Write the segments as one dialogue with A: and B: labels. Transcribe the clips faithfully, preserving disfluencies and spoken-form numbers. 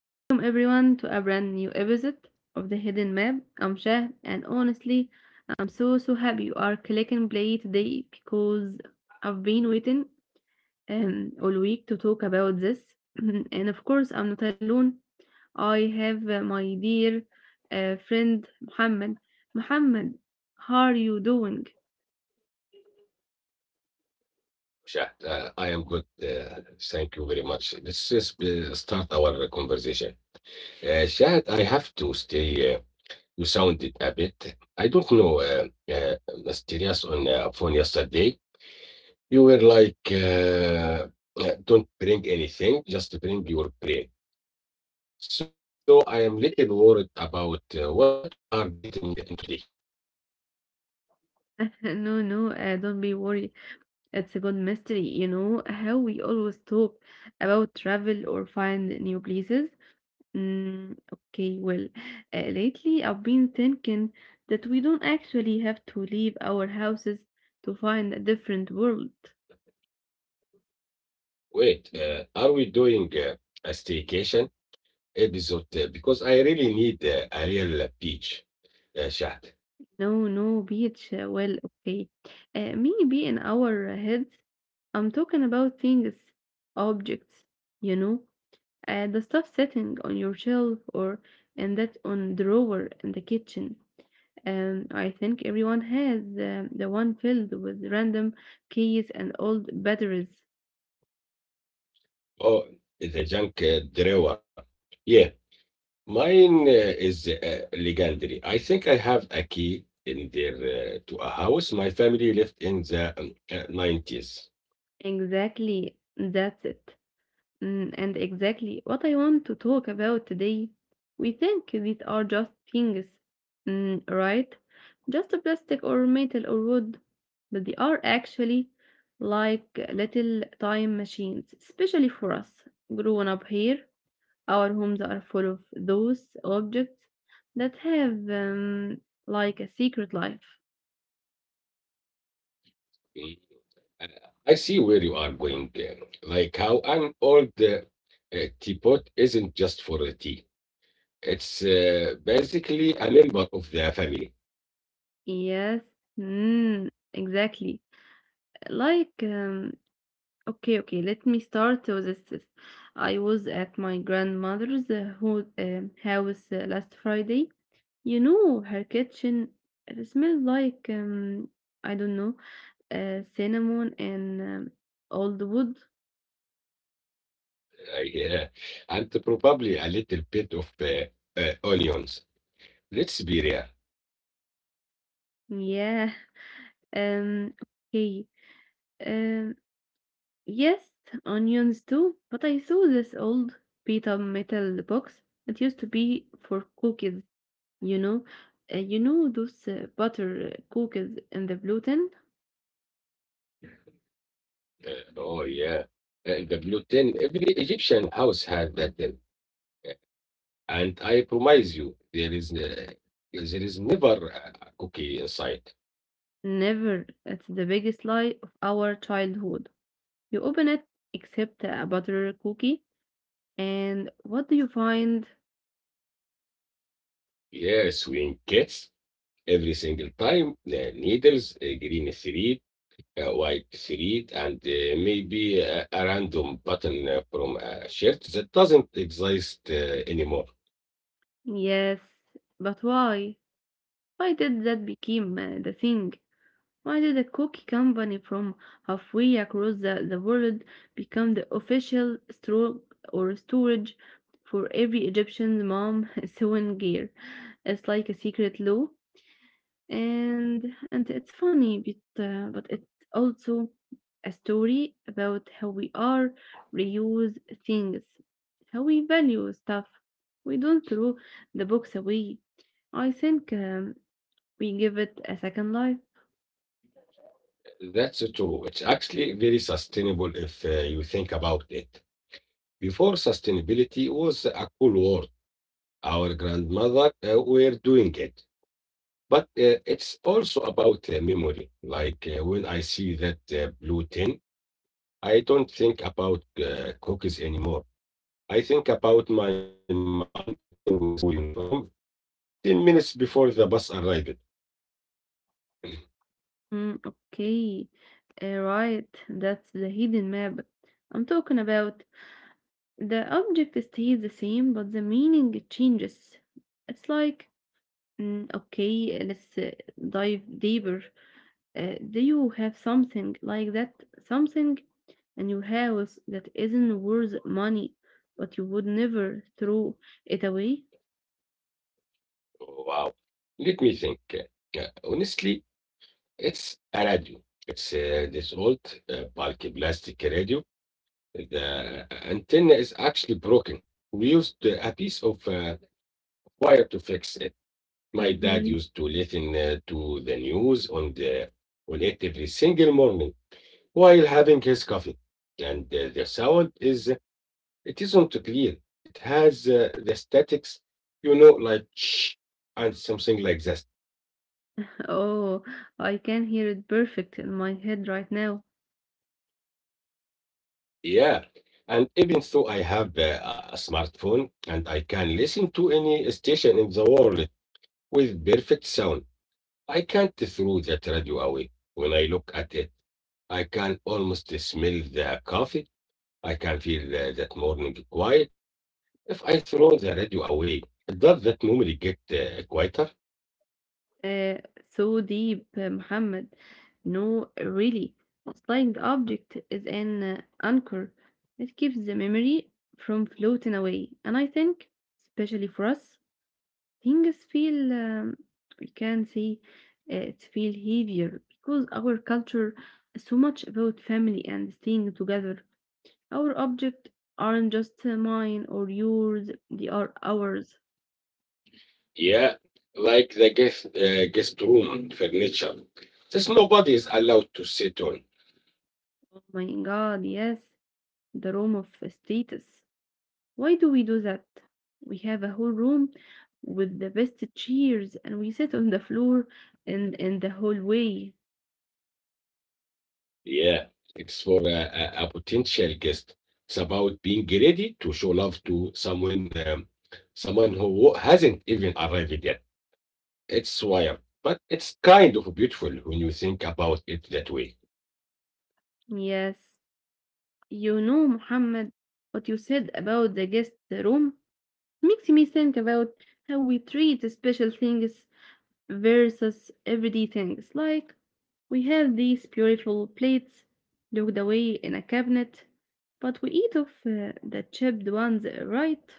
A: welcome everyone to a brand new episode of The Hidden Map. I'm Shah, and honestly, I'm so so happy you are clicking play today because I've been waiting um, all week to talk about this. And of course, I'm not alone. I have uh, my dear uh, friend Muhammad. Muhammad, how are you doing?
B: Sure. Uh, I am good. Uh, thank you very much. Let's just uh, start our conversation. Uh, Shahad, I have to stay. Uh, you sounded a bit, I don't know, uh, uh, mysterious on uh, phone yesterday. You were like, uh, uh, don't bring anything, just bring your brain. So I am little worried about uh, what we are getting uh, into today.
A: No, no, uh, don't be worried. It's a good mystery, you know, how we always talk about travel or find new places. Mm, okay, well, uh, lately I've been thinking that we don't actually have to leave our houses to find a different world.
B: Wait, uh, are we doing uh, a staycation episode? Uh, because I really need uh, a real uh, beach uh, shot.
A: No, no, beach. uh, Well, okay. Uh, maybe in our heads, I'm talking about things, objects, you know, uh, the stuff sitting on your shelf or in that on drawer in the kitchen. Um, I think everyone has um, the one filled with random keys and old batteries.
B: Oh, the junk uh, drawer. Yeah, mine uh, is uh, legendary. I think I have a key in there uh, to a house my family left in the um, uh, nineties.
A: Exactly, that's it. Mm, and exactly what I want to talk about today. We think these are just things, mm, right? Just a plastic or metal or wood, but they are actually like little time machines, especially for us grown up here. Our homes are full of those objects that have um, like a secret life.
B: Mm, I I see where you are going. uh, Like how an old uh, uh, teapot isn't just for the tea. It's uh, basically a member of the family.
A: Yes, mm, exactly. Like, um, okay, okay, let me start with this. I was at my grandmother's uh, ho- um house uh, last Friday. You know, her kitchen, it smelled like um, I don't know, uh, cinnamon and um, old wood.
B: I, uh, and probably a little bit of uh, uh, onions. Let's be real.
A: Yeah. Um. Okay. Um, yes, onions too, but I saw this old pita metal box. It used to be for cookies, you know. Uh, you know those uh, butter uh, cookies in the blue tin?
B: Uh, oh, yeah. Uh, the blue tin. Every Egyptian house had that tin. Uh, And I promise you, there is, uh, there is never a a cookie inside.
A: Never. It's the biggest lie of our childhood. You open it, except a butter cookie, and what do you find?
B: Yes, we in kids, every single time the needles, a green thread, a white thread, and uh, maybe a, a random button uh, from a shirt that doesn't exist uh, anymore.
A: Yes, but why? Why did that become uh, the thing? Why did a cookie company from halfway across the, the world become the official store or storage for every Egyptian mom sewing gear? It's like a secret law, and and it's funny, but uh, but it's also a story about how we are reuse things, how we value stuff. We don't throw the books away. I think um, we give it a second life.
B: That's true. It's actually very sustainable if uh, you think about it. Before sustainability was a cool word, our grandmother uh, were doing it, but uh, it's also about uh, memory. Like uh, when I see that uh, blue tin, I don't think about uh, cookies anymore. I think about my mom fixing my school uniform ten minutes before the bus arrived.
A: Mm, okay, uh, right, that's the hidden map I'm talking about. The object stays the same, but the meaning changes. It's like, mm, okay, let's uh, dive deeper. Uh, do you have something like that? Something in your house that isn't worth money, but you would never throw it away?
B: Wow. Let me think. Uh, honestly, it's a radio. It's uh, this old uh, bulky plastic radio. The antenna is actually broken. We used uh, a piece of uh, wire to fix it. My dad
A: Mhm.
B: used to listen uh, to the news on the on it every single morning while having his coffee. And uh, the sound is it isn't clear. It has uh, the statics, you know, like shh and something like that.
A: Oh, I can hear it perfect in my head right now.
B: Yeah. And even though I have uh, a smartphone and I can listen to any station in the world with perfect sound, I can't throw that radio away. When I look at it, I can almost smell the coffee. I can feel uh, that morning quiet. If I throw the radio away, does that memory get uh, quieter?
A: Uh, so deep, uh, Muhammad. No, really. A flying object is an uh, anchor. It keeps the memory from floating away. And I think, especially for us, things feel, um, we can say, uh, it feel heavier because our culture is so much about family and staying together. Our objects aren't just mine or yours, they are ours.
B: Yeah, like the guest, uh, guest room furniture. Just nobody is allowed to sit on.
A: Oh my god, yes, the room of status. Why do we do that? We have a whole room with the best chairs and we sit on the floor and in the hallway.
B: Yeah, it's for a, a, a potential guest. It's about being ready to show love to someone, um, someone who hasn't even arrived yet. It's wild, but it's kind of beautiful when you think about it that way.
A: Yes, you know, Muhammad, what you said about the guest room makes me think about how we treat special things versus everyday things, like we have these beautiful plates locked away in a cabinet, but we eat off uh, the chipped ones, uh, right?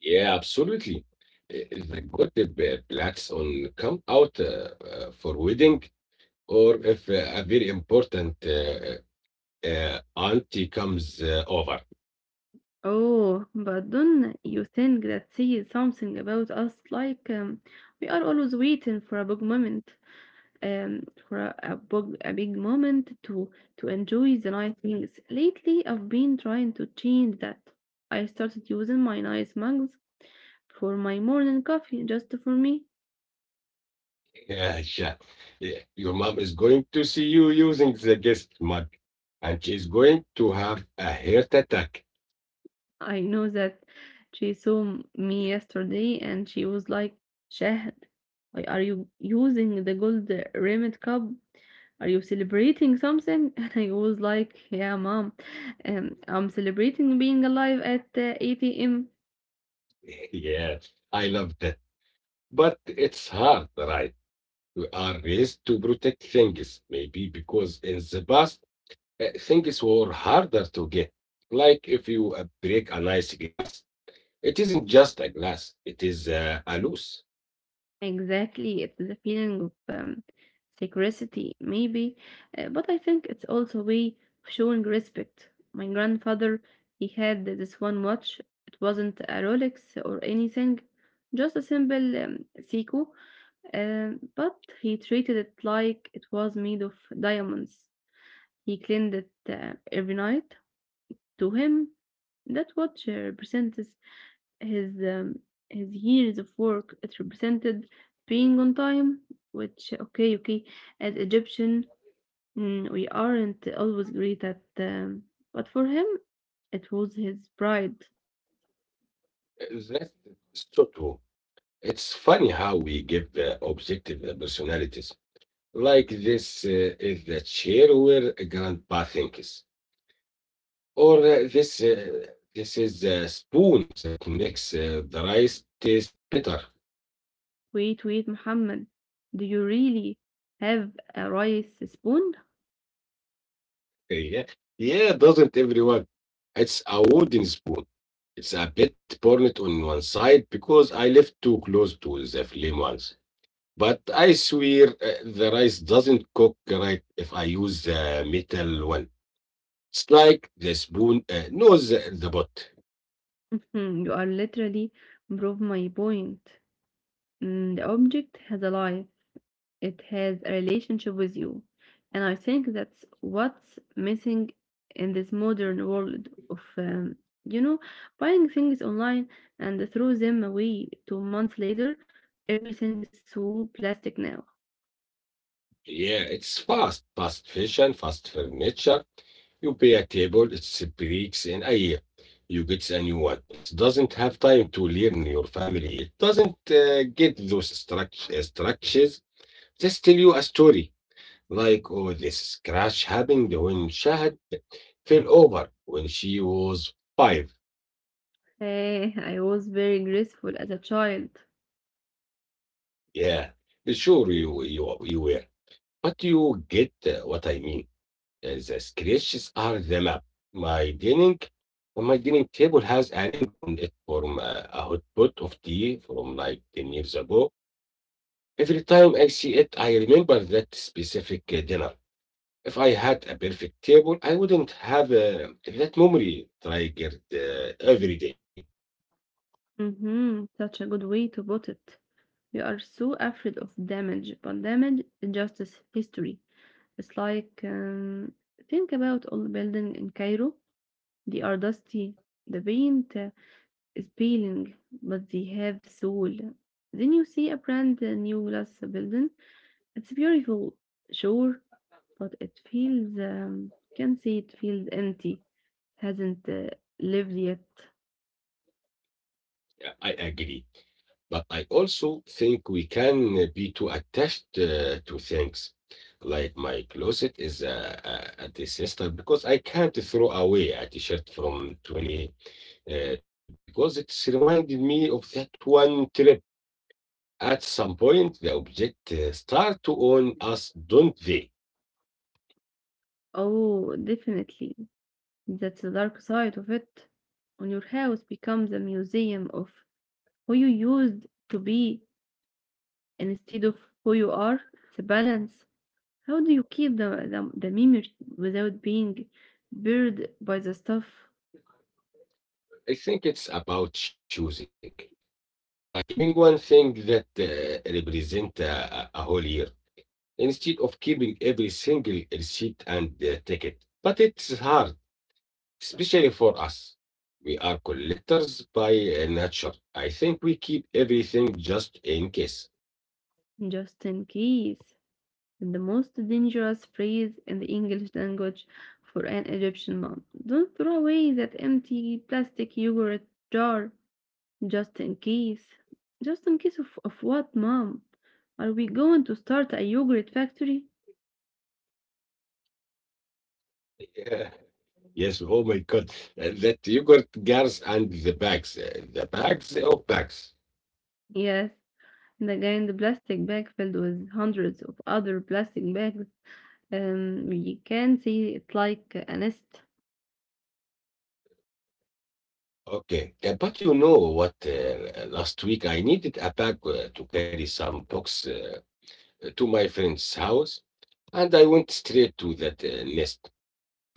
B: Yeah, absolutely. Uh, The good uh, plats on come out uh, uh, for wedding, or if uh, a very important uh, uh, uh, auntie comes uh, over.
A: Oh, but don't you think that says something about us? Like, um, we are always waiting for a big moment, um, for a, a big a big moment to to enjoy the nice things. Lately, I've been trying to change that. I started using my nice mugs for my morning coffee, just for me.
B: Yeah, sha- yeah, your mom is going to see you using the guest mug, and she's going to have a heart attack.
A: I know that she saw m- me yesterday and she was like, "Shahd, why are you using the gold rimmed cup? Are you celebrating something?" And I was like, "Yeah, mom, um, I'm celebrating being alive at uh, eight a m"
B: yeah, I love that. But it's hard, right? We are raised to protect things, maybe because in the past, uh, things were harder to get. Like if you uh, break a nice glass, it isn't just a glass, it is uh, a loose.
A: Exactly, it's the feeling of um, secrecy, maybe, uh, but I think it's also a way of showing respect. My grandfather, he had this one watch. It wasn't a Rolex or anything, just a simple um, Seiko, um, but he treated it like it was made of diamonds. He cleaned it uh, every night. To him, that watch uh, represents his um, his years of work, it represented being on time, which okay, okay, as Egyptian, mm, we aren't always great at, um, but for him, it was his pride.
B: That's so true. It's funny how we give uh, objective uh, personalities. Like this uh, is the chair where grandpa thinks, or uh, this uh, this is the spoon that makes uh, the rice taste better.
A: Wait, wait, Muhammad, do you really have a rice spoon?
B: Yeah, yeah, doesn't everyone? It's a wooden spoon. It's a bit burnt on one side because I left too close to the flame once. But I swear uh, the rice doesn't cook right if I use the metal one. It's like the spoon uh, knows the the pot.
A: Hmm, you are literally prove my point. Mm, the object has a life. It has a relationship with you. And I think that's what's missing in this modern world of, um, you know, buying things online and throw them away two months later. Everything is so plastic now.
B: Yeah, it's fast. Fast fashion, fast furniture. You pay a table, it's breaks in a year. You get a new one. It doesn't have time to learn your family. It doesn't uh, get those struct- uh, structures. Just tell you a story. Like, oh, this crash happened when Shahad fell over when she was five.
A: Hey, I was very graceful as a child.
B: Yeah, sure, you, you, you were. But you get uh, what I mean. Uh, The scratches are the map. My dining, my dining table has a ring on it from uh, a hot pot of tea from like ten years ago. Every time I see it, I remember that specific uh, dinner. If I had a perfect table, I wouldn't have uh, that memory triggered uh, every day.
A: Mhm, such a good way to put it. We are so afraid of damage, but damage is just as history. It's like, um, think about old building in Cairo. They are dusty. The paint uh, is peeling, but they have soul. Then you see a brand new glass building. It's beautiful, sure, but it feels, um, can say it feels empty. Hasn't uh, lived yet.
B: Yeah, I agree. But I also think we can uh, be too attached uh, to things. Like my closet is a, a, a disaster because I can't throw away a t shirt from twenty twelve because it's reminded me of that one trip. At some point, the object uh, start to own us, don't they?
A: Oh, definitely. That's the dark side of it. When your house becomes a museum of who you used to be instead of who you are, it's a balance. How do you keep the, the, the memory without being buried by the stuff?
B: I think it's about choosing, like keeping one thing that uh, represent a, a a whole year instead of keeping every single receipt and uh, ticket. But it's hard. Especially for us. We are collectors by uh, nature. I think we keep everything just in case.
A: Just in case. The most dangerous phrase in the English language for an Egyptian mom. Don't throw away that empty plastic yogurt jar. Just in case. Just in case of, of what, mom? Are we going to start a yogurt factory?
B: Yeah. Yes, oh my God. Uh, That yogurt jars and the bags. uh, The bags of bags.
A: Yes, and again, the giant plastic bag filled with hundreds of other plastic bags. Um, we can see it like a nest.
B: Okay. Uh, but you know what? Uh, last week I needed a bag uh, to carry some books uh, to my friend's house, and I went straight to that uh, nest,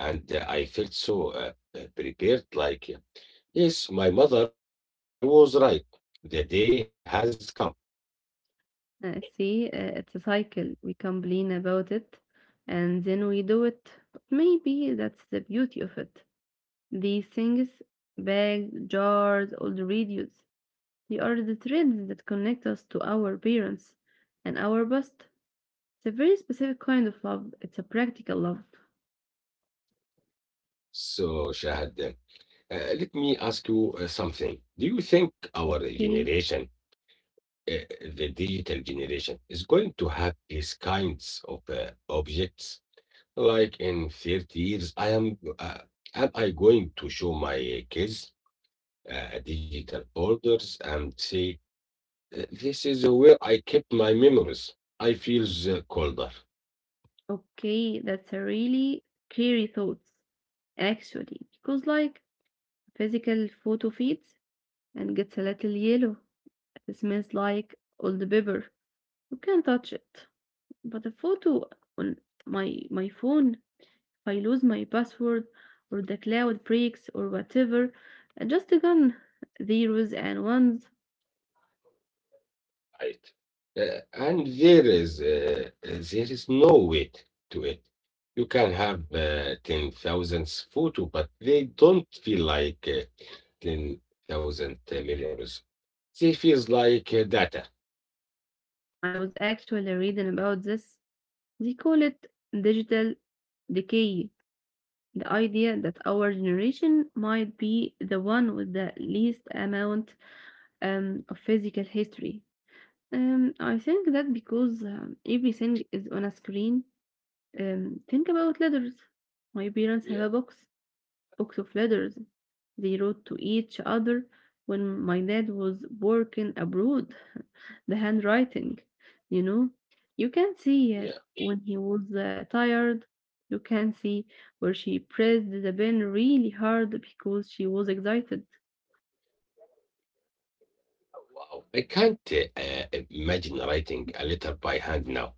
B: and uh, I felt so uh, uh, prepared, like, yes, my mother was right. The day has come.
A: Uh, see, uh, it's a cycle. We complain about it, and then we do it. But maybe that's the beauty of it. These things, bags, jars, old radios. They are the threads that connect us to our parents and our past. It's a very specific kind of love. It's a practical love.
B: So, Shahad, uh, let me ask you uh, something. Do you think our
A: Okay.
B: generation, uh, the digital generation, is going to have these kinds of uh, objects? Like in thirty years, I am, uh, am I going to show my kids uh, digital folders and say, "Uh, this is where I kept my memories? I feel uh, colder."
A: Okay, that's a really scary thought, actually, because like physical photo fades and gets a little yellow. It smells like old paper. You can touch it. But a photo on my my phone, if I lose my password or the cloud breaks or whatever, uh, just a gun zeros and ones.
B: Right. Uh, and there is uh, uh, there is no weight to it. You can have uh, ten thousands photo, but they don't feel like uh, ten thousand millions. They feels like uh, data.
A: I was actually reading about this. They call it digital decay. The idea that our generation might be the one with the least amount um, of physical history. Um, I think that because um, everything is on a screen, um, think about letters. My parents have a
B: Yeah,
A: box, box of letters. They wrote to each other when my dad was working abroad. The handwriting, you know, you can see
B: yeah.
A: uh, when he was uh, tired. You can see where she pressed the pen really hard because she was excited.
B: Wow. I can't uh, uh, imagine writing a letter by hand now.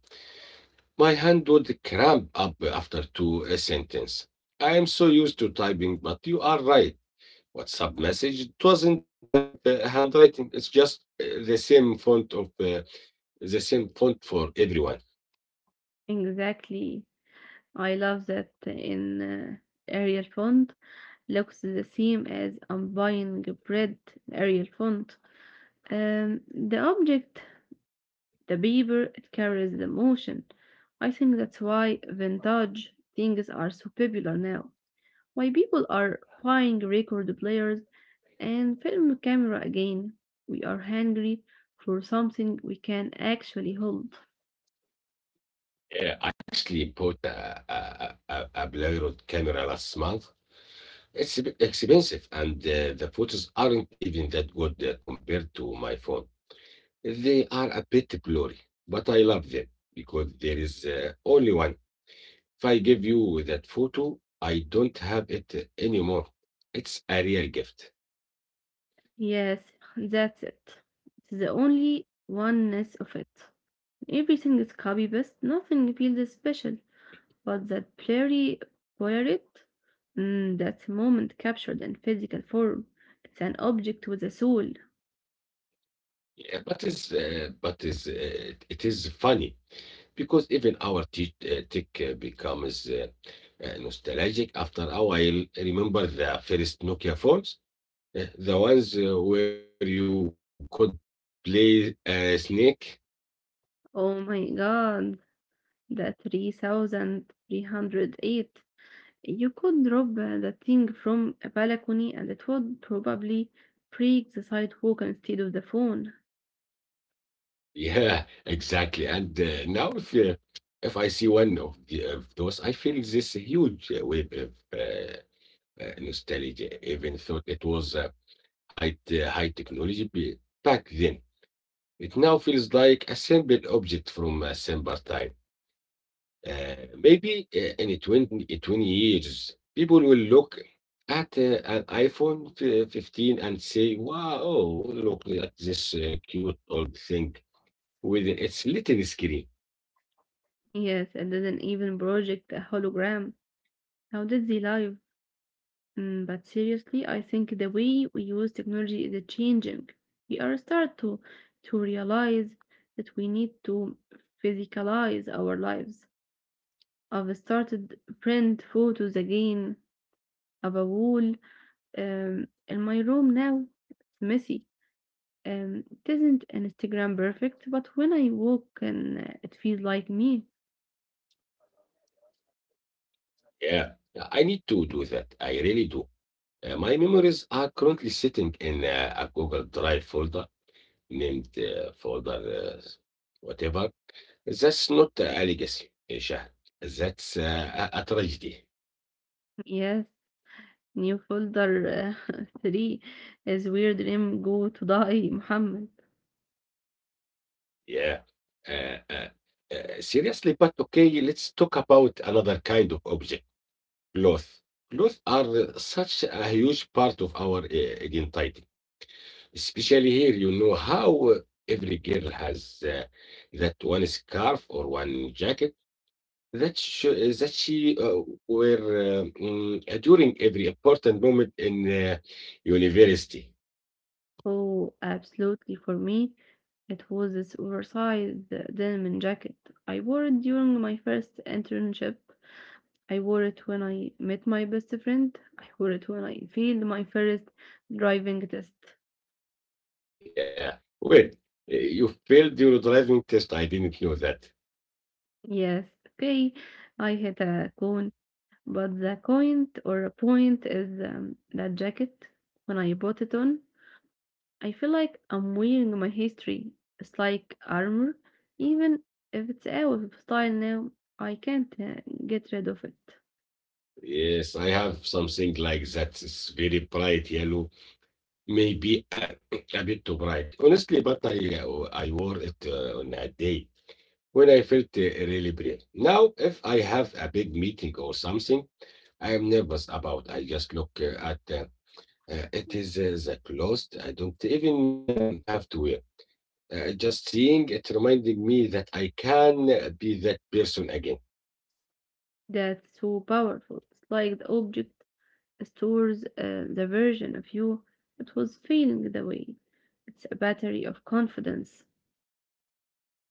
B: My hand would cramp up after two uh, sentence. I am so used to typing, but you are right. WhatsApp message it doesn't have uh, handwriting. It's just uh, the same font of uh, the same font for everyone.
A: Exactly. I love that in uh, Arial font looks the same as I'm buying bread Arial font. Um, the object the beaver it carries the motion. I think that's why vintage things are so popular now. Why people are buying record players and film camera again. We are hungry for something we can actually hold.
B: Uh, I actually bought a, a, a, a Polaroid camera last month. It's a bit expensive, and uh, the photos aren't even that good uh, compared to my phone. They are a bit blurry, but I love them because there is uh, only one. If I give you that photo, I don't have it anymore. It's a real gift.
A: Yes, that's it. It's the only oneness of it. Everything is copy paste, nothing feels special. But that blurry poirot, mm, that's moment captured in physical form. It's an object with a soul.
B: Yeah, but is uh, but is uh, it it is funny because even our te uh, tech uh, becomes uh, uh, nostalgic after a while. Remember the first Nokia phones, Uh, the ones uh, where you could play uh, Snake?
A: Oh my god, the three thousand three hundred eight. You could drop uh, the thing from a balcony and it would probably break the sidewalk instead of the phone.
B: Yeah, exactly. And uh, now if uh, if I see one of, the, of those, I feel this huge uh, wave of uh, uh, nostalgia, even though it was uh, high, uh, high technology be- back then. It now feels like a simple object from a simpler time. Uh, maybe uh, in twenty twenty years, people will look at uh, an iPhone fi- fifteen and say, wow, look at this uh, cute old thing with its little screen.
A: Yes, it didn't even project a hologram. How did they live? Mm, but seriously, I think the way we use technology is changing. We are start to to realize that we need to physicalize our lives. I've started print photos again of a wall um, in my room now. It's messy. Um, it isn't Instagram perfect, but when I walk and uh, it feels like me.
B: Yeah, I need to do that. I really do. Uh, my memories are currently sitting in uh, a Google Drive folder named uh, further uh, whatever. That's not a legacy, uh, Shah. That's uh, a, a tragedy.
A: Yes, new folder uh, three is where dream go to die, Muhammad.
B: Yeah. Uh, uh, uh, seriously, but okay, let's talk about another kind of object, clothes. Clothes are uh, such a huge part of our uh, identity, especially here. You know how uh, every girl has uh, that one scarf or one jacket that sh that she uh, were um, mm, during every important moment in uh, university.
A: Oh, absolutely. For me, it was this oversized uh, denim jacket. I wore it during my first internship. I wore it when I met my best friend. I wore it when I failed my first driving test.
B: Yeah. Wait, uh, you failed your driving test. I didn't know that.
A: Yes, okay, I hit a cone, but the point or a point is um, that jacket when I put it on. I feel like I'm wearing my history. It's like armor. Even if it's out of style now, I can't uh, get rid of it.
B: Yes, I have something like that. It's very bright yellow, maybe uh, a bit too bright. Honestly, but I uh, I wore it uh, on a day when I felt uh, really brave. Now, if I have a big meeting or something, I am nervous about. I just look uh, at. Uh, Uh, it is uh, the clothes. I don't even um, have to wear. Uh, just seeing it reminded me that I can uh, be that person again.
A: That's so powerful. It's like the object stores uh, the version of you that was feeling the way. It's a battery of confidence.
B: Mm.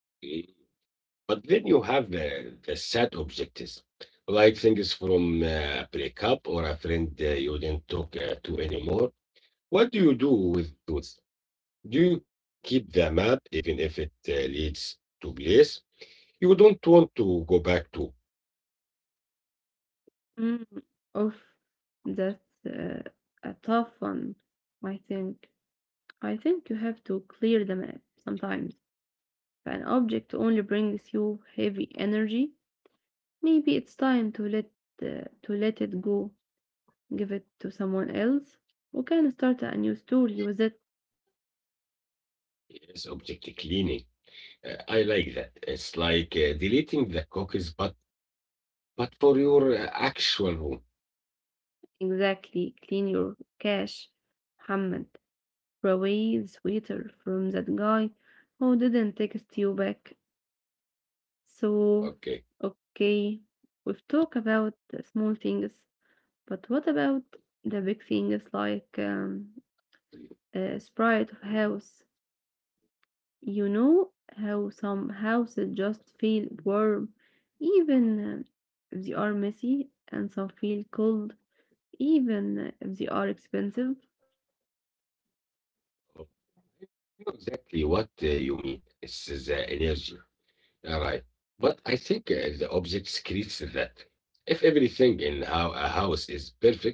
B: But then you have the, the sad objectives, like things from uh, a breakup or a friend uh, you didn't talk uh, to anymore. What do you do with those? Do you keep the map even if it uh, leads to place you don't want to go back to?
A: Mm, of that, uh, a tough one. I think. I think you have to clear the map sometimes. An object only brings you heavy energy. Maybe it's time to let uh, to let it go, give it to someone else, who can start a new story with it.
B: Yes, object cleaning. Uh, I like that. It's like uh, deleting the cookies, but but for your uh, actual home.
A: Exactly, clean your cache, Muhammad. Throw away the sweater from that guy who didn't text you back. So,
B: Okay,
A: okay, we've talked about the small things, but what about the big things like um, a sprite of house? You know how some houses just feel warm even um, if they are messy, and some feel cold even if they are expensive?
B: I know exactly what uh, you mean. It's the energy. All right, but I think uh, the objects creates that. If everything in how a house is perfect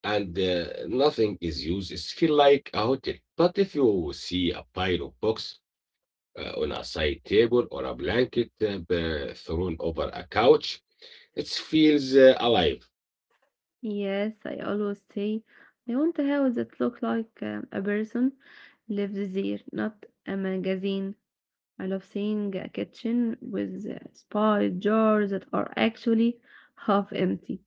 B: and uh, nothing is used, it feel like a hotel. But if you see a pile of books uh, on a side table or a blanket uh, b- thrown over a couch, it feels uh, alive.
A: Yes, I always say I want a house that look like uh, a person lives there, not a magazine. I love seeing a kitchen with uh, spy jars that are actually half empty.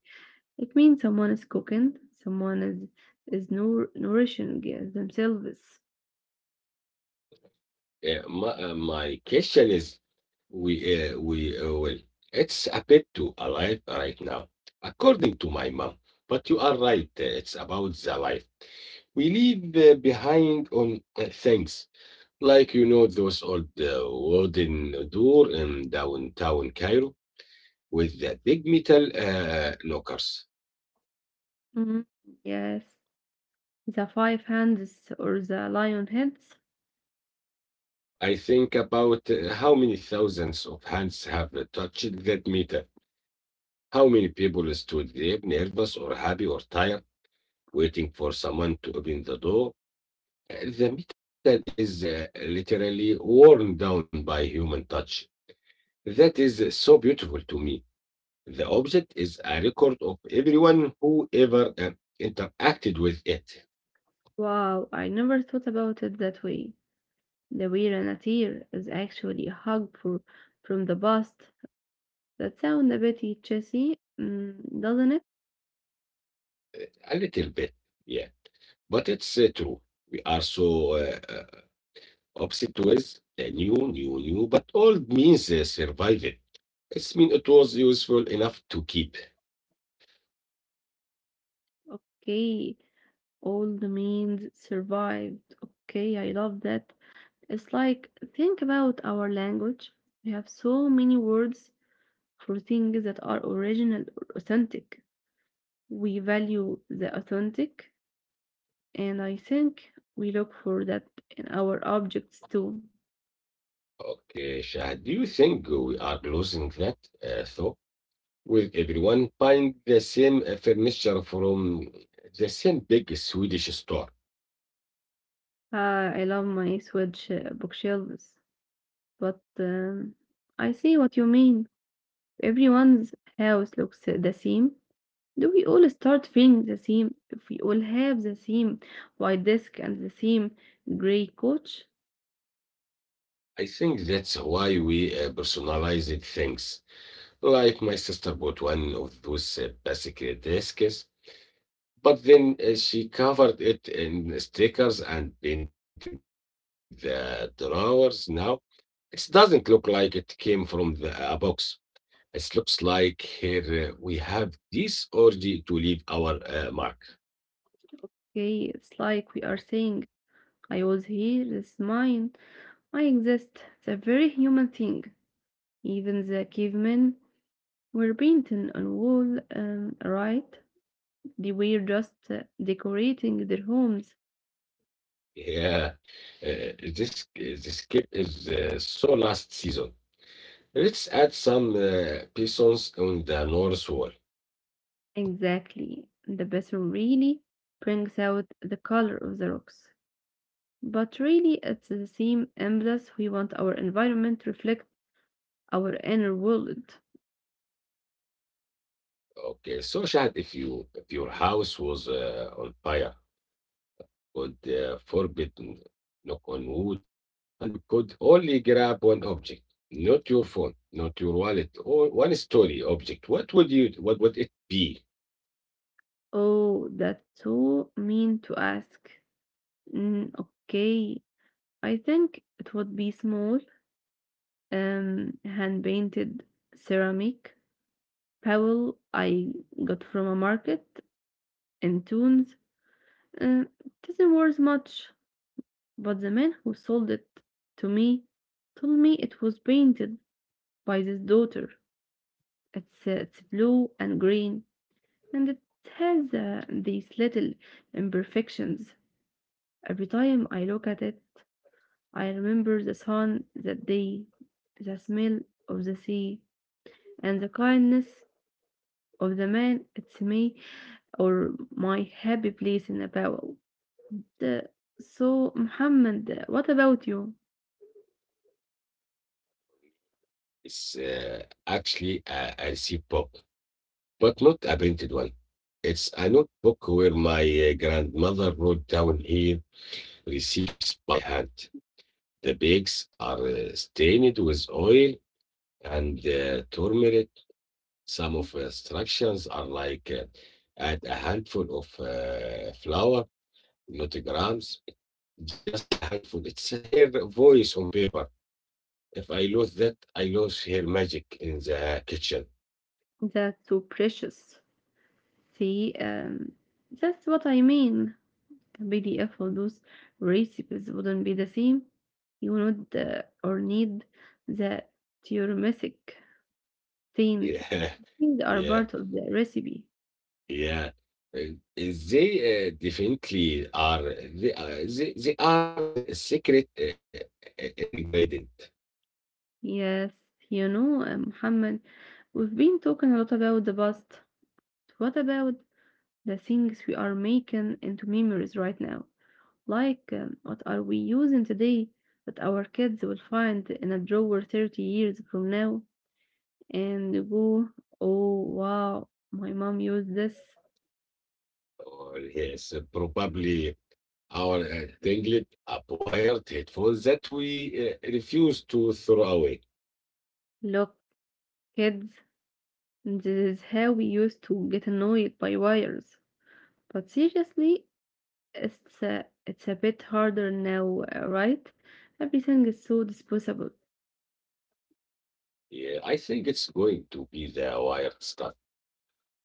A: It means someone is cooking, someone is is nour- nourishing uh, themselves.
B: Uh, my, uh, my question is we uh, we uh, well it's a bit too alive right now according to my mom, but you are right, uh, it's about the life we leave uh, behind on uh, things like you know those old uh, wooden door in downtown Cairo with the big metal uh, knockers.
A: Mm, yes, the five hands or the lion heads.
B: I think about uh, how many thousands of hands have touched that metal. How many people stood there, nervous or happy or tired, waiting for someone to open the door? Uh, The metal is uh, literally worn down by human touch. That is so beautiful to me. The object is a record of everyone who ever uh, interacted with it.
A: Wow, I never thought about it that way. The Weiranatir is actually a hug for, from the past. That sounds a bit chessy, mm, doesn't it?
B: A little bit, yeah. But it's uh, true. We are so uh, uh, opposite with the new, new, new, but old means uh, survived. It means it was useful enough to keep.
A: Okay, old means survived. Okay, I love that. It's like, think about our language. We have so many words for things that are original or authentic. We value the authentic. And I think we look for that in our objects too.
B: Okay, Shahad, do you think we are losing that uh, thought? With everyone buying the same uh, furniture from the same big Swedish store.
A: Ah, I love my Swedish uh, bookshelves, but um, I see what you mean. Everyone's house looks uh, the same. Do we all start feeling the same if we all have the same white desk and the same gray couch?
B: I think that's why we uh, personalized things. Like my sister bought one of those uh, basic desks. But then uh, she covered it in stickers and painted the drawers. Now it doesn't look like it came from the, a box. It looks like here uh, we have this orgy to leave our uh, mark.
A: Okay, it's like we are saying, I was here, this is mine, I exist. It's a very human thing. Even the cavemen were painting on wall, um, right? They were just uh, decorating their homes.
B: Yeah, uh, this uh, this game is uh, so last season. Let's add some uh, pistons on the north wall.
A: Exactly. The bathroom really brings out the color of the rocks. But really, it's the same impulse, we want our environment to reflect our inner world.
B: Okay, so Shahad, if you if your house was uh, on fire, could uh, forbid n- knock on wood, and you could only grab one object, not your phone, not your wallet, or one story object. What would you what would it be?
A: Oh, that's so mean to ask. Mm, okay, I think it would be small, um, hand painted ceramic. Powell I got from a market in tunes. Uh, doesn't worth much, but the man who sold it to me told me it was painted by his daughter. It's, uh, it's blue and green, and it has uh, these little imperfections. Every time I look at it, I remember the sun that day, the smell of the sea, and the kindness of the man it's me or my happy place in a bowl. Uh, So, Muhammad, uh, what about you?
B: It's uh, actually a, a receipt book, but not a printed one. It's a notebook where my uh, grandmother wrote down her receipts by hand. The bags are uh, stained with oil and uh, turmeric. Some of the instructions are like uh, add a handful of uh, flour, not grams, just a handful. It's her voice on paper. If I lose that, I lose her magic in the kitchen.
A: That's so precious. See, um, that's what I mean. A P D F those recipes wouldn't be the same. You would uh, or need the theoremic things.
B: Yeah.
A: Things are
B: Yeah.
A: part of the recipe.
B: Yeah, uh, they uh, definitely are. They are, they, they are the secret uh, uh, ingredient.
A: Yes, you know, uh, Muhammad, we've been talking a lot about the past. What about the things we are making into memories right now? Like, um, what are we using today that our kids will find in a drawer thirty years from now and go, oh wow, my mom used this.
B: Or yes, uh, probably our uh, tinglet acquired headphones that we uh, refuse to throw away.
A: Look, kids, this is how we used to get annoyed by wires. But seriously, it's a, it's a bit harder now, uh, right? Everything is so disposable.
B: Yeah, I think it's going to be the wired stuff.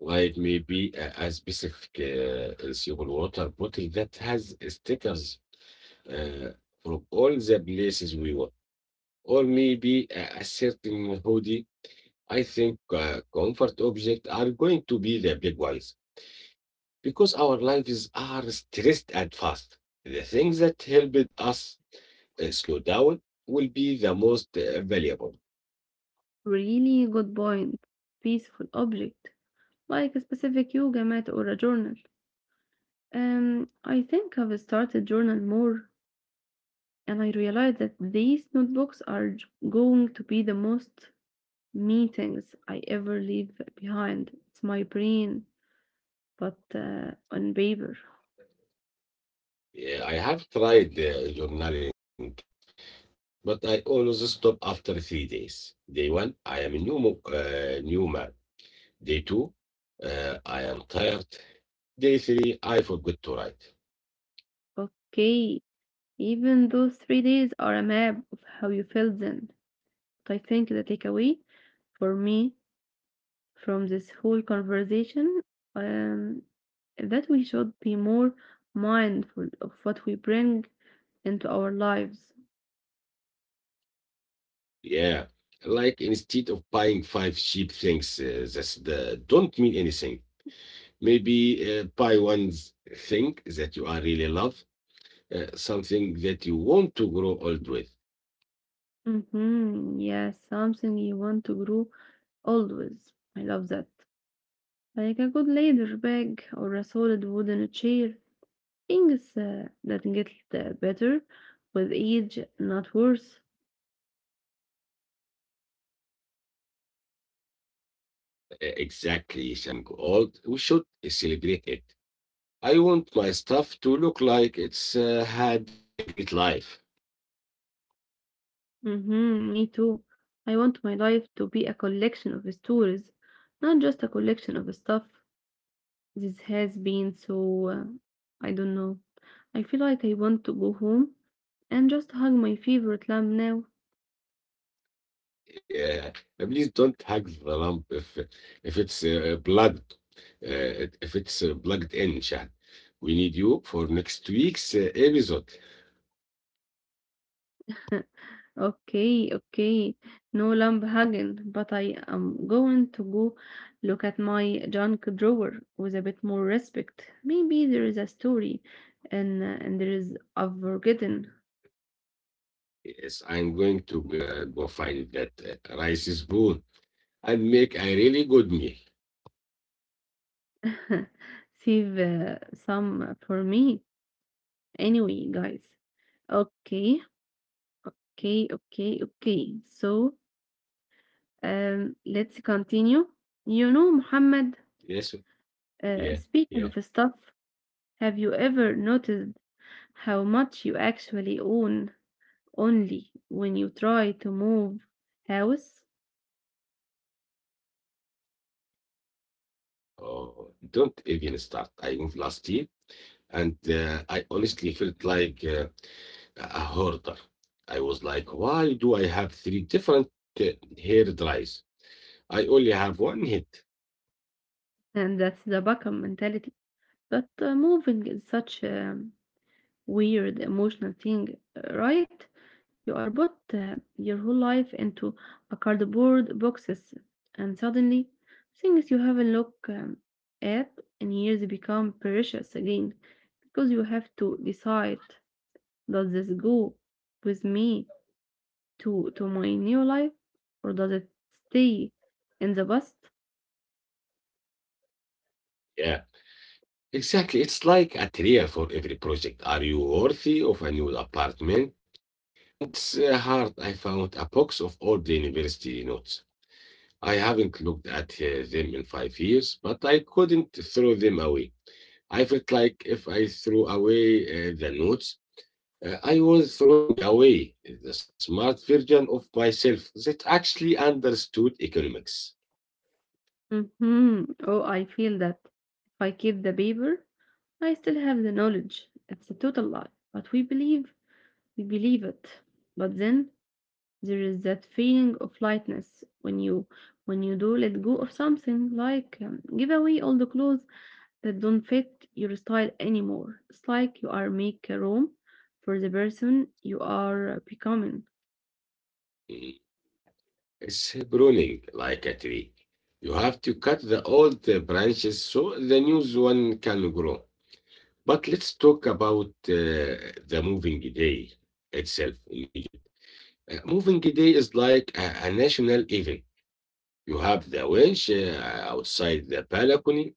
B: Like maybe a, a specific uh, reusable water bottle that has stickers uh, from all the places we were. Or maybe a, a certain hoodie, I think uh, comfort objects are going to be the big ones because our lives are stressed and fast. The things that helped us uh, slow down will be the most uh, valuable.
A: Really good point. Peaceful object, like a specific yoga mat or a journal. Um, I think I've started journal more, and I realized that these notebooks are j- going to be the most meetings I ever leave behind. It's my brain, but uh, on paper.
B: Yeah, I have tried uh, journaling, but I always stop after three days. Day one, I am a new, mo- uh, new man. Day two, uh, I am tired. J three, I forgot to write.
A: Okay, even those three days are a map of how you felt then. But I think the takeaway for me from this whole conversation, um, that we should be more mindful of what we bring into our lives.
B: Yeah. Like instead of buying five cheap things uh, that's- that don't mean anything, maybe uh, buy one thing that you are really love, uh, something that you want to grow old with.
A: Mm-hmm. Yes, something you want to grow always. I love that. Like a good leather bag or a solid wooden chair. Things uh, that get uh, better with age, not worse.
B: Uh, exactly, Shad. We need to stop being uh, afraid of things uh, getting old. We should celebrate it. I want my stuff to look like it's uh, had a great life.
A: Mhm, me too. I want my life to be a collection of stories, not just a collection of stuff. This has been so, uh, I don't know. I feel like I want to go home and just hug my favorite lamb now.
B: Yeah, please don't hack the lamp if if it's uh, plugged, uh, if it's uh, plugged in, Shahd. We need you for next week's uh, episode.
A: Okay, okay. No lamb hugging, but I am going to go look at my junk drawer with a bit more respect. Maybe there is a story and uh, and there is a forgotten
B: Yes, I'm going to uh, go find that uh, rice spoon and make a really good meal.
A: Save uh, some for me. Anyway, guys. Okay, okay, okay, okay. So um, let's continue. You know, Muhammad,
B: Yes. Yeah.
A: uh,
B: Yeah.
A: speaking of stuff, have you ever noticed how much you actually own only when you try to move house?
B: Oh, don't even start. I moved last year and uh, I honestly felt like uh, a hoarder. I was like, why do I have three different uh, hair dries? I only have one head.
A: And that's the Beckham mentality. But uh, moving is such a weird emotional thing, uh, right? You are put uh, your whole life into a cardboard boxes, and suddenly things you haven't looked um, at in years become precious again because you have to decide does this go with me to to my new life or does it stay in the past?
B: Yeah. Exactly. It's like a trial for every project. Are you worthy of a new apartment? And it's uh, hard. I found a box of all the university notes. I haven't looked at uh, them in five years, but I couldn't throw them away. I felt like if I threw away uh, the notes, uh, I was throwing away the smart version of myself that actually understood economics.
A: Hmm. Oh, I feel that if I keep the paper, I still have the knowledge. It's a total lie, but we believe we believe it, but then there is that feeling of lightness when you when you do let go of something, like um, give away all the clothes that don't fit your style anymore. It's like you are make room for the person you are becoming.
B: Mm. It's pruning like a tree. You have to cut the old uh, branches so the new one can grow. But let's talk about uh, the moving day itself in Egypt. Uh, moving day is like a, a national event. You have the winch uh, outside the balcony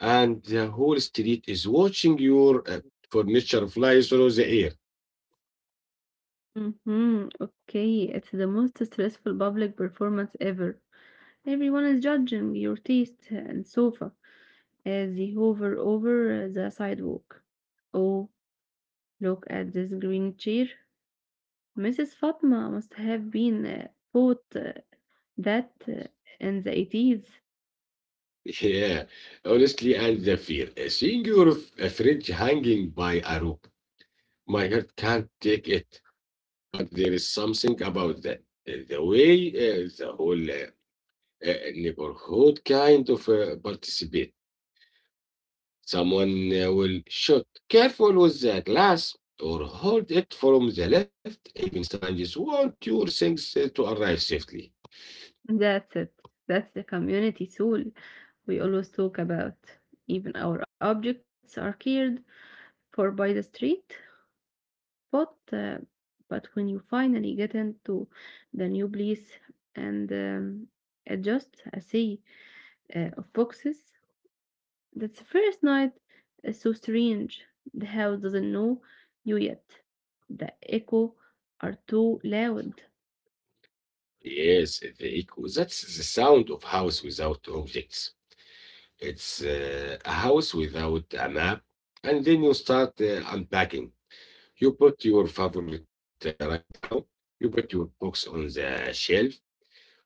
B: and the whole street is watching your uh, furniture fly through the air.
A: Mm-hmm. Okay, it's the most stressful public performance ever. Everyone is judging your taste and sofa as they hover over the sidewalk. Oh, look at this green chair. Missus Fatma must have been uh, taught uh, that uh, in the eighties.
B: Yeah, honestly, and the fear. Uh, Seeing your f- uh, fridge hanging by a rope, my heart can't take it. But there is something about that. Uh, The way uh, the whole uh, uh, neighborhood kind of uh, participate. Someone uh, will shoot careful with the glass or hold it from the left. Even strangers want your things uh, to arrive safely.
A: That's it. That's the community soul we always talk about. Even our objects are cared for by the street. But, uh, but when you finally get into the new place and um, it's just a sea uh, of boxes, that's the first night is so strange. The house doesn't know you yet. The echo are too loud.
B: Yes, the echo. That's the sound of house without objects. It's uh, a house without a map. And then you start uh, unpacking. You put your favorite uh, rag down, you put your books on the shelf,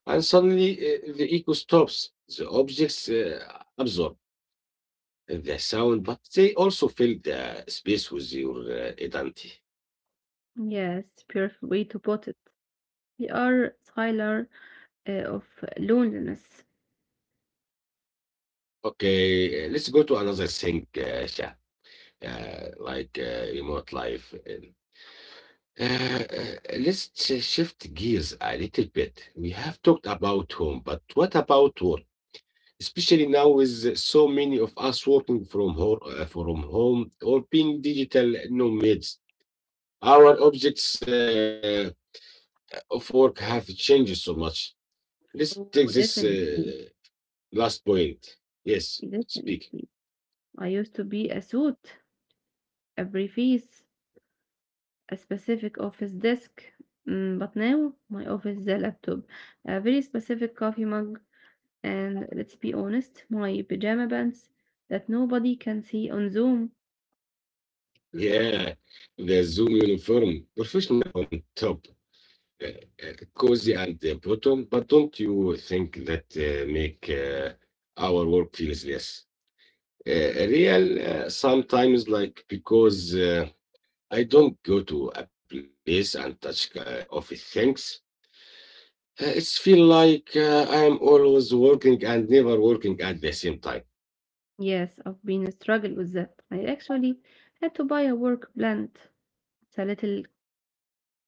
B: and suddenly uh, the echo stops. The objects uh, absorb the sound, but they also fill the space with your uh, identity.
A: Yes, beautiful way to put it. We are Tyler uh, of loneliness.
B: Okay, uh, let's go to another thing, uh, Shah, uh, like uh, remote life. Uh, uh, let's uh, shift gears a little bit. We have talked about home, but what about work? Especially now, with so many of us working from home, uh, from home or being digital nomads, our objects uh, of work have changed so much. Let's
A: Oh,
B: take this
A: definitely,
B: uh, last point. Yes, speak.
A: definitely. I used to be a suit, a briefcase, a specific office desk. Mm, but now my office is a laptop, a very specific coffee mug, and let's be honest, my pajama pants that nobody can see on Zoom.
B: Yeah, the Zoom uniform, professional on top. uh, uh, Cozy and uh, bottom, but don't you think that uh, make uh, our work feels less uh, real uh, sometimes? Like because uh, I don't go to a place and touch uh, office things. Uh, it's feel like uh, I am always working and never working at the same time.
A: Yes, I've been struggling with that. I actually had to buy a work plant. It's a little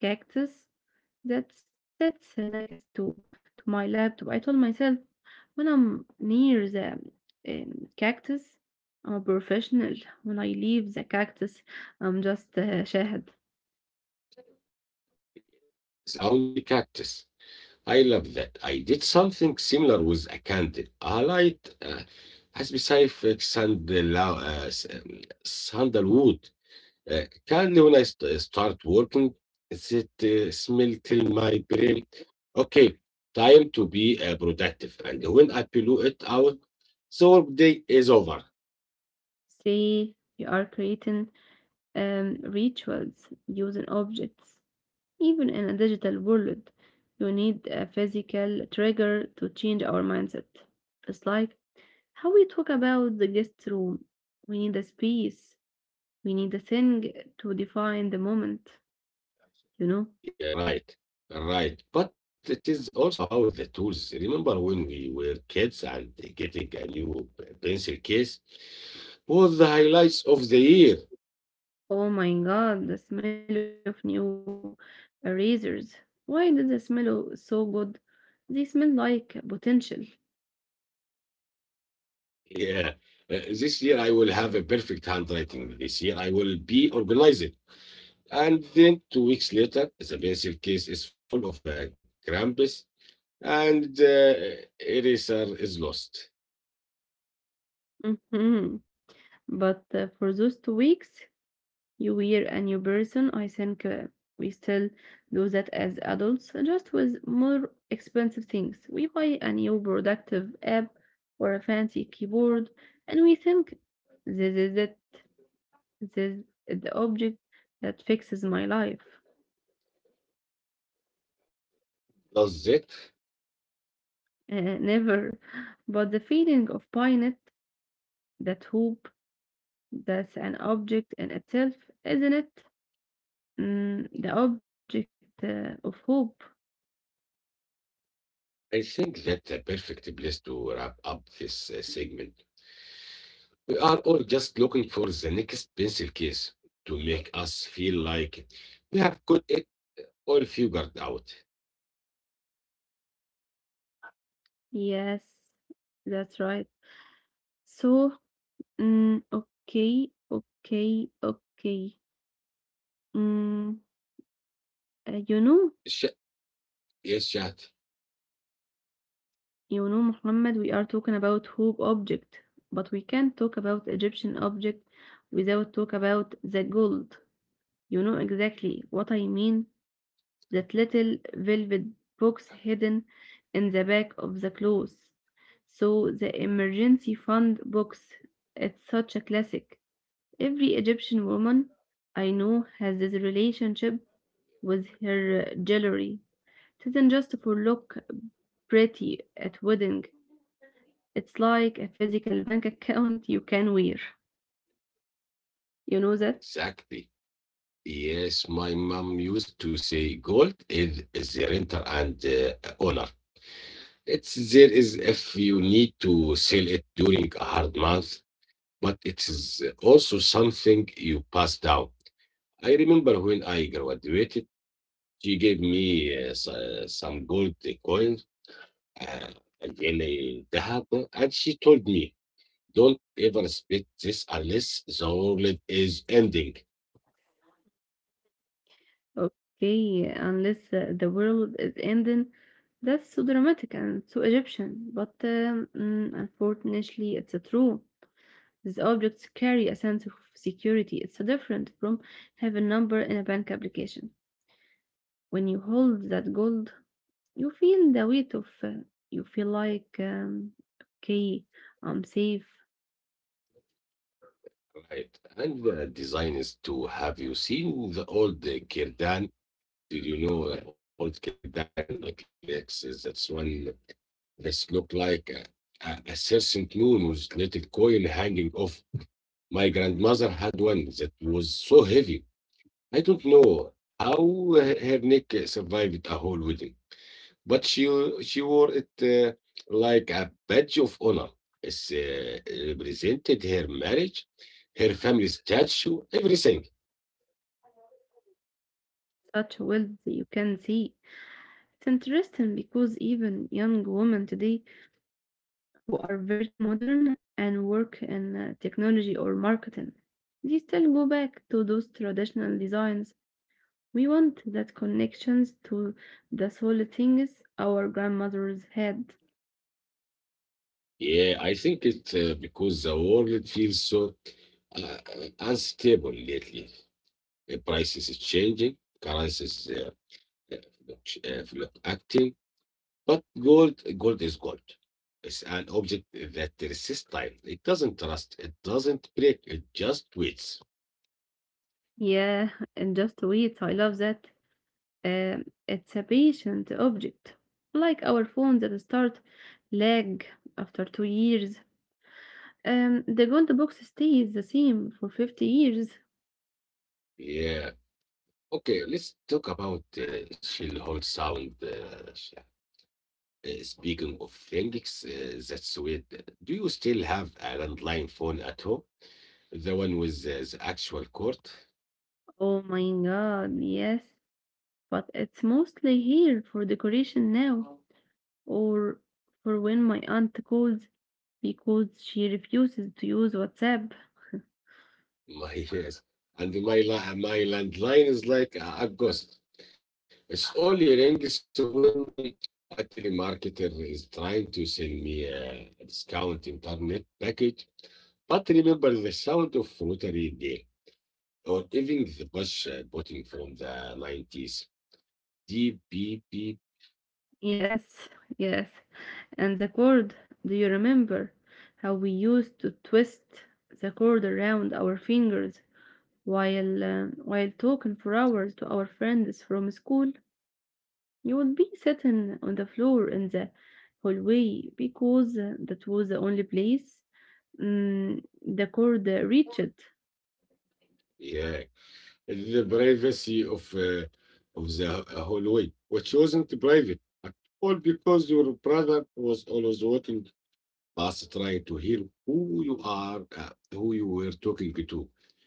A: cactus that's that's uh, next to, to my laptop. I told myself when I'm near the um, cactus, I'm a professional. When I leave the cactus, I'm just a shahad.
B: It's uh, a boundary cactus. I love that. I did something similar with a candle. I light uh, has specific sandal, uh, s- um, sandalwood uh, candle when I st- uh, start working. Is it uh, smell till my brain? Okay, time to be uh, productive. And when I blow it out, the work day is over.
A: See, you are creating um, rituals using objects. Even in a digital world, you need a physical trigger to change our mindset. It's like how we talk about the guest room. We need a space. We need a thing to define the moment, you know?
B: Yeah, right, right. But it is also about the tools. Remember when we were kids and getting a new pencil case was the highlights of the year.
A: Oh my god, the smell of new erasers. Why did they smell so good? They smell like potential.
B: Yeah, Uh, this year I will have a perfect handwriting. This year I will be organized. And then two weeks later, the pencil case is full of uh, crumbs and uh, eraser is lost.
A: Mhm. But uh, for those two weeks, you were a new person. I think uh, we still do that as adults, just with more expensive things. We buy a new productive app or a fancy keyboard, and we think this is it. This is the object that fixes my life.
B: Does it?
A: Uh, never. But the feeling of buying it, that hope, that's an object in itself, isn't it? Mm, the object uh, of hope.
B: I think that's a perfect place to wrap up this uh, segment. We are all just looking for the next pencil case to make us feel like we have got it all figured out.
A: Yes, that's right. So Mm, okay, okay, okay. Mm, uh, you know,
B: Sh- yes, chat.
A: you know, Muhammad, we are talking about hope object, but we can't talk about Egyptian object without talk about the gold. You know exactly what I mean, that little velvet box hidden in the back of the clothes. So the emergency fund box, it's such a classic. Every Egyptian woman I know has this relationship with her jewelry. It isn't just for look pretty at wedding. It's like a physical bank account you can wear. You know that?
B: Exactly. Yes, my mom used to say gold is the renter and uh, owner. It's there is if you need to sell it during a hard month, but it is also something you pass down. I remember when I graduated. She gave me uh, s- uh, some gold uh, coins uh, and in a dahab, and she told me, "Don't ever spit this unless the world is ending."
A: Okay, unless uh, the world is ending. That's so dramatic and so Egyptian, but um, mm, unfortunately, it's a true. These objects carry a sense of security. It's different from having a number in a bank application. When you hold that gold, you feel the weight of, uh, you feel like, um, okay, I'm safe.
B: Right, and the design is to have you seen the old uh, Kirdan? Did you know uh, old Kirdan necklace? Is that's one that's look like a, a, a crescent moon with little coin hanging off. My grandmother had one that was so heavy I don't know how her her neck uh, survived a whole wedding, but she she wore it uh, like a badge of honor. It uh, represented her marriage, her family statue, everything.
A: Such wealth you can see. It's interesting because even young women today who are very modern and work in uh, technology or marketing, they still go back to those traditional designs. We want that connections to the solid things our grandmothers had.
B: Yeah, I think it's uh, because the world feels so uh, uh, unstable lately. The prices is changing, currencies uh, uh, fluct- uh, fluctuating, but gold, gold is gold. It's an object that resists time. It doesn't rust. It doesn't break. It just waits.
A: Yeah, and just wait, I love that. Um, it's a patient object, like our phones that start lag after two years. Um, the gold box stays the same for fifty years.
B: Yeah. Okay, let's talk about uh, shell hole sound. Uh, sh- uh, speaking of things, uh, that's weird. Do you still have a landline phone at home? The one with the, the actual cord?
A: Oh my god, yes, but it's mostly here for decoration now. Or for when my aunt calls because she refuses to use WhatsApp.
B: My yes. And my la- my landline is like a a ghost. It's only rings when a telemarketer is trying to sell me a discount internet package, but remember the sound of rotary dial or even the push uh, button from the nineties. Deep beep beep.
A: Yes, yes. And the cord, do you remember how we used to twist the cord around our fingers while uh, while talking for hours to our friends from school, you would be sitting on the floor in the hallway because uh, that was the only place mm, the cord uh, reached.
B: Yeah, the privacy of uh, of the hallway, which wasn't private at all because your brother was always working. Just try to hear who you are, uh, who you were talking to.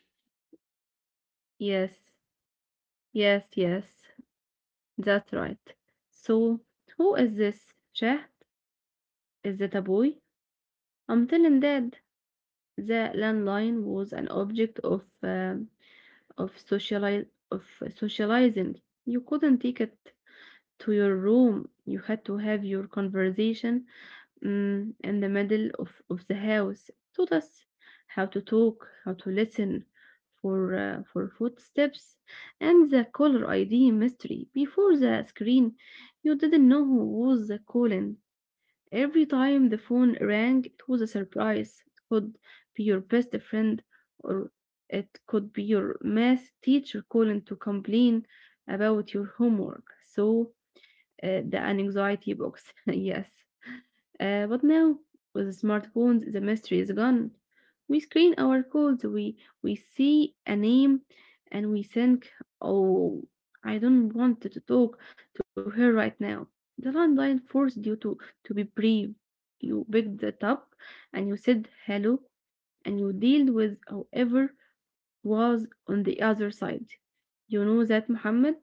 A: Yes, yes, yes, that's right. So, who is this? Chat? Is that a boy? I'm telling Dad. The landline was an object of um of sociali of socializing. You couldn't take it to your room. You had to have your conversation mm, in the middle of, of the house. Taught us how to talk, how to listen for uh, for footsteps, and the caller I D mystery. Before the screen, you didn't know who was the calling. Every time the phone rang, it was a surprise. It could be your best friend, or it could be your math teacher calling to complain about your homework. So uh, the anxiety box. Yes. Uh, but now, with smartphones, the mystery is gone. We screen our codes, we, we see a name, and we think, oh, I don't want to talk to her right now. The landline forced you to, to be brave. You picked it up and you said hello and you dealt with whoever was on the other side. You know that, Muhammad?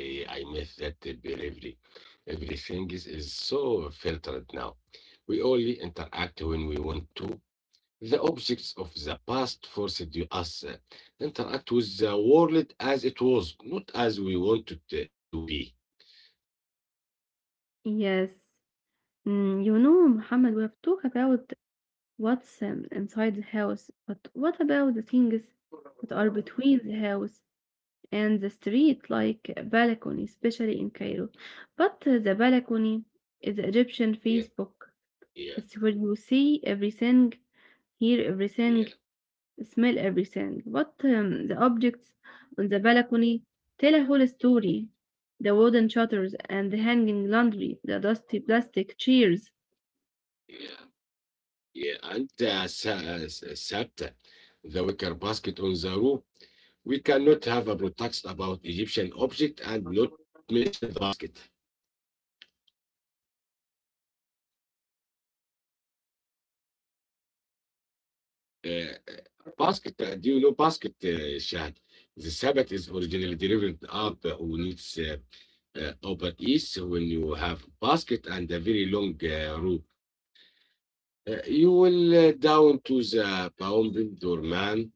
B: Eh, I miss that bravery. Everything is, is so filtered now. We only interact when we want to. The objects of the past forced you us uh, interact with the world as it was, not as we wanted uh, it to be.
A: Yes. Mm, you know, Muhammad, we have talked about what's um, inside the house? But what about the things that are between the house and the street, like a balcony, especially in Cairo? But uh, the balcony is the Egyptian
B: Yeah,
A: Facebook.
B: yeah,
A: It's where you see everything, hear
B: yeah,
A: everything, smell everything. But um, the objects on the balcony tell a whole story. The wooden shutters and the hanging laundry, the dusty plastic chairs.
B: yeah, yeah. And uh, sa- uh, s- uh, sat the wicker basket on the roof. We cannot have a podcast about Egyptian object and not mention the basket. Uh, Basket, uh, do you know basket, uh, Shahad? The Sabbath is originally derived up uh, on its uh, uh, upper east when you have basket and a very long uh, rope. Uh, you will uh, down to the pounding doorman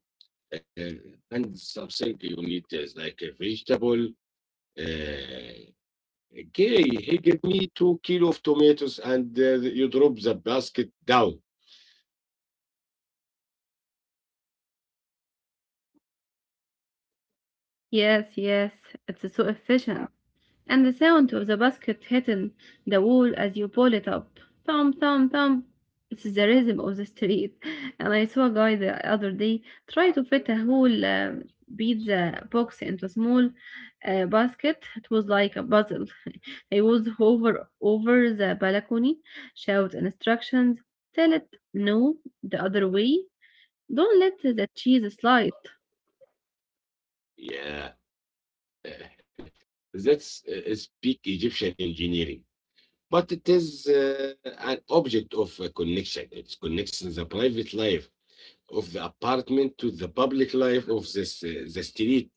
B: uh, and something you need is like a vegetable. Uh, Okay, he gave me two kilo of tomatoes and uh, you drop the basket down.
A: Yes, yes, it's so efficient. And the sound of the basket hitting the wall as you pull it up. Thump, thump, thump. It's the rhythm of the street. And I saw a guy the other day try to fit a whole um, pizza box into a small uh, basket. It was like a puzzle. I was hover over the balcony, shout instructions, tell it no the other way. Don't let the cheese slide.
B: Yeah, that's uh, speak Egyptian engineering. But it is uh, an object of uh, connection. It connects the private life of the apartment to the public life of this, uh, the street.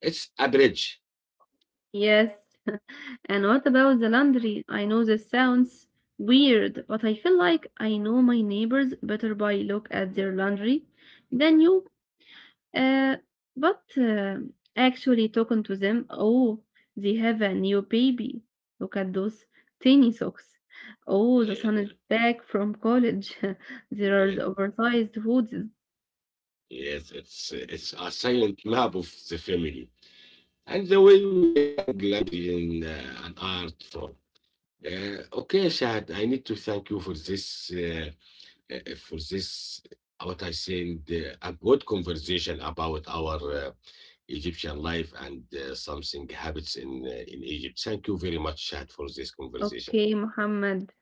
B: It's a bridge.
A: Yes, and what about the laundry? I know this sounds weird, but I feel like I know my neighbors better by look at their laundry than you. Uh, but uh, actually talking to them, oh, they have a new baby. Look at those tiny socks. Oh, the
B: Yeah,
A: son is back from college. There are the
B: yeah,
A: oversized hoodies.
B: yes, it's, it's a silent map of the family. And the way we hang glandry in uh, an art form. Uh, okay, Shahad, I need to thank you for this, uh, uh, for this, uh, what I said, uh, a good conversation about our uh, Egyptian life and uh, something habits in uh, in Egypt. Thank you very much, Shahad, for this conversation.
A: Okay, Muhammad,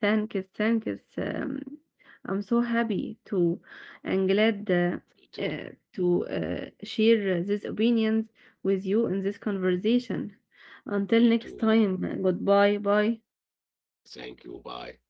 A: thank you, thank you. Um, I'm so happy to and glad uh,
B: Me too.
A: uh, to uh, share these opinions with you in this conversation. Until
B: Me
A: next
B: too. Me.
A: time, goodbye, bye.
B: Thank you. Bye.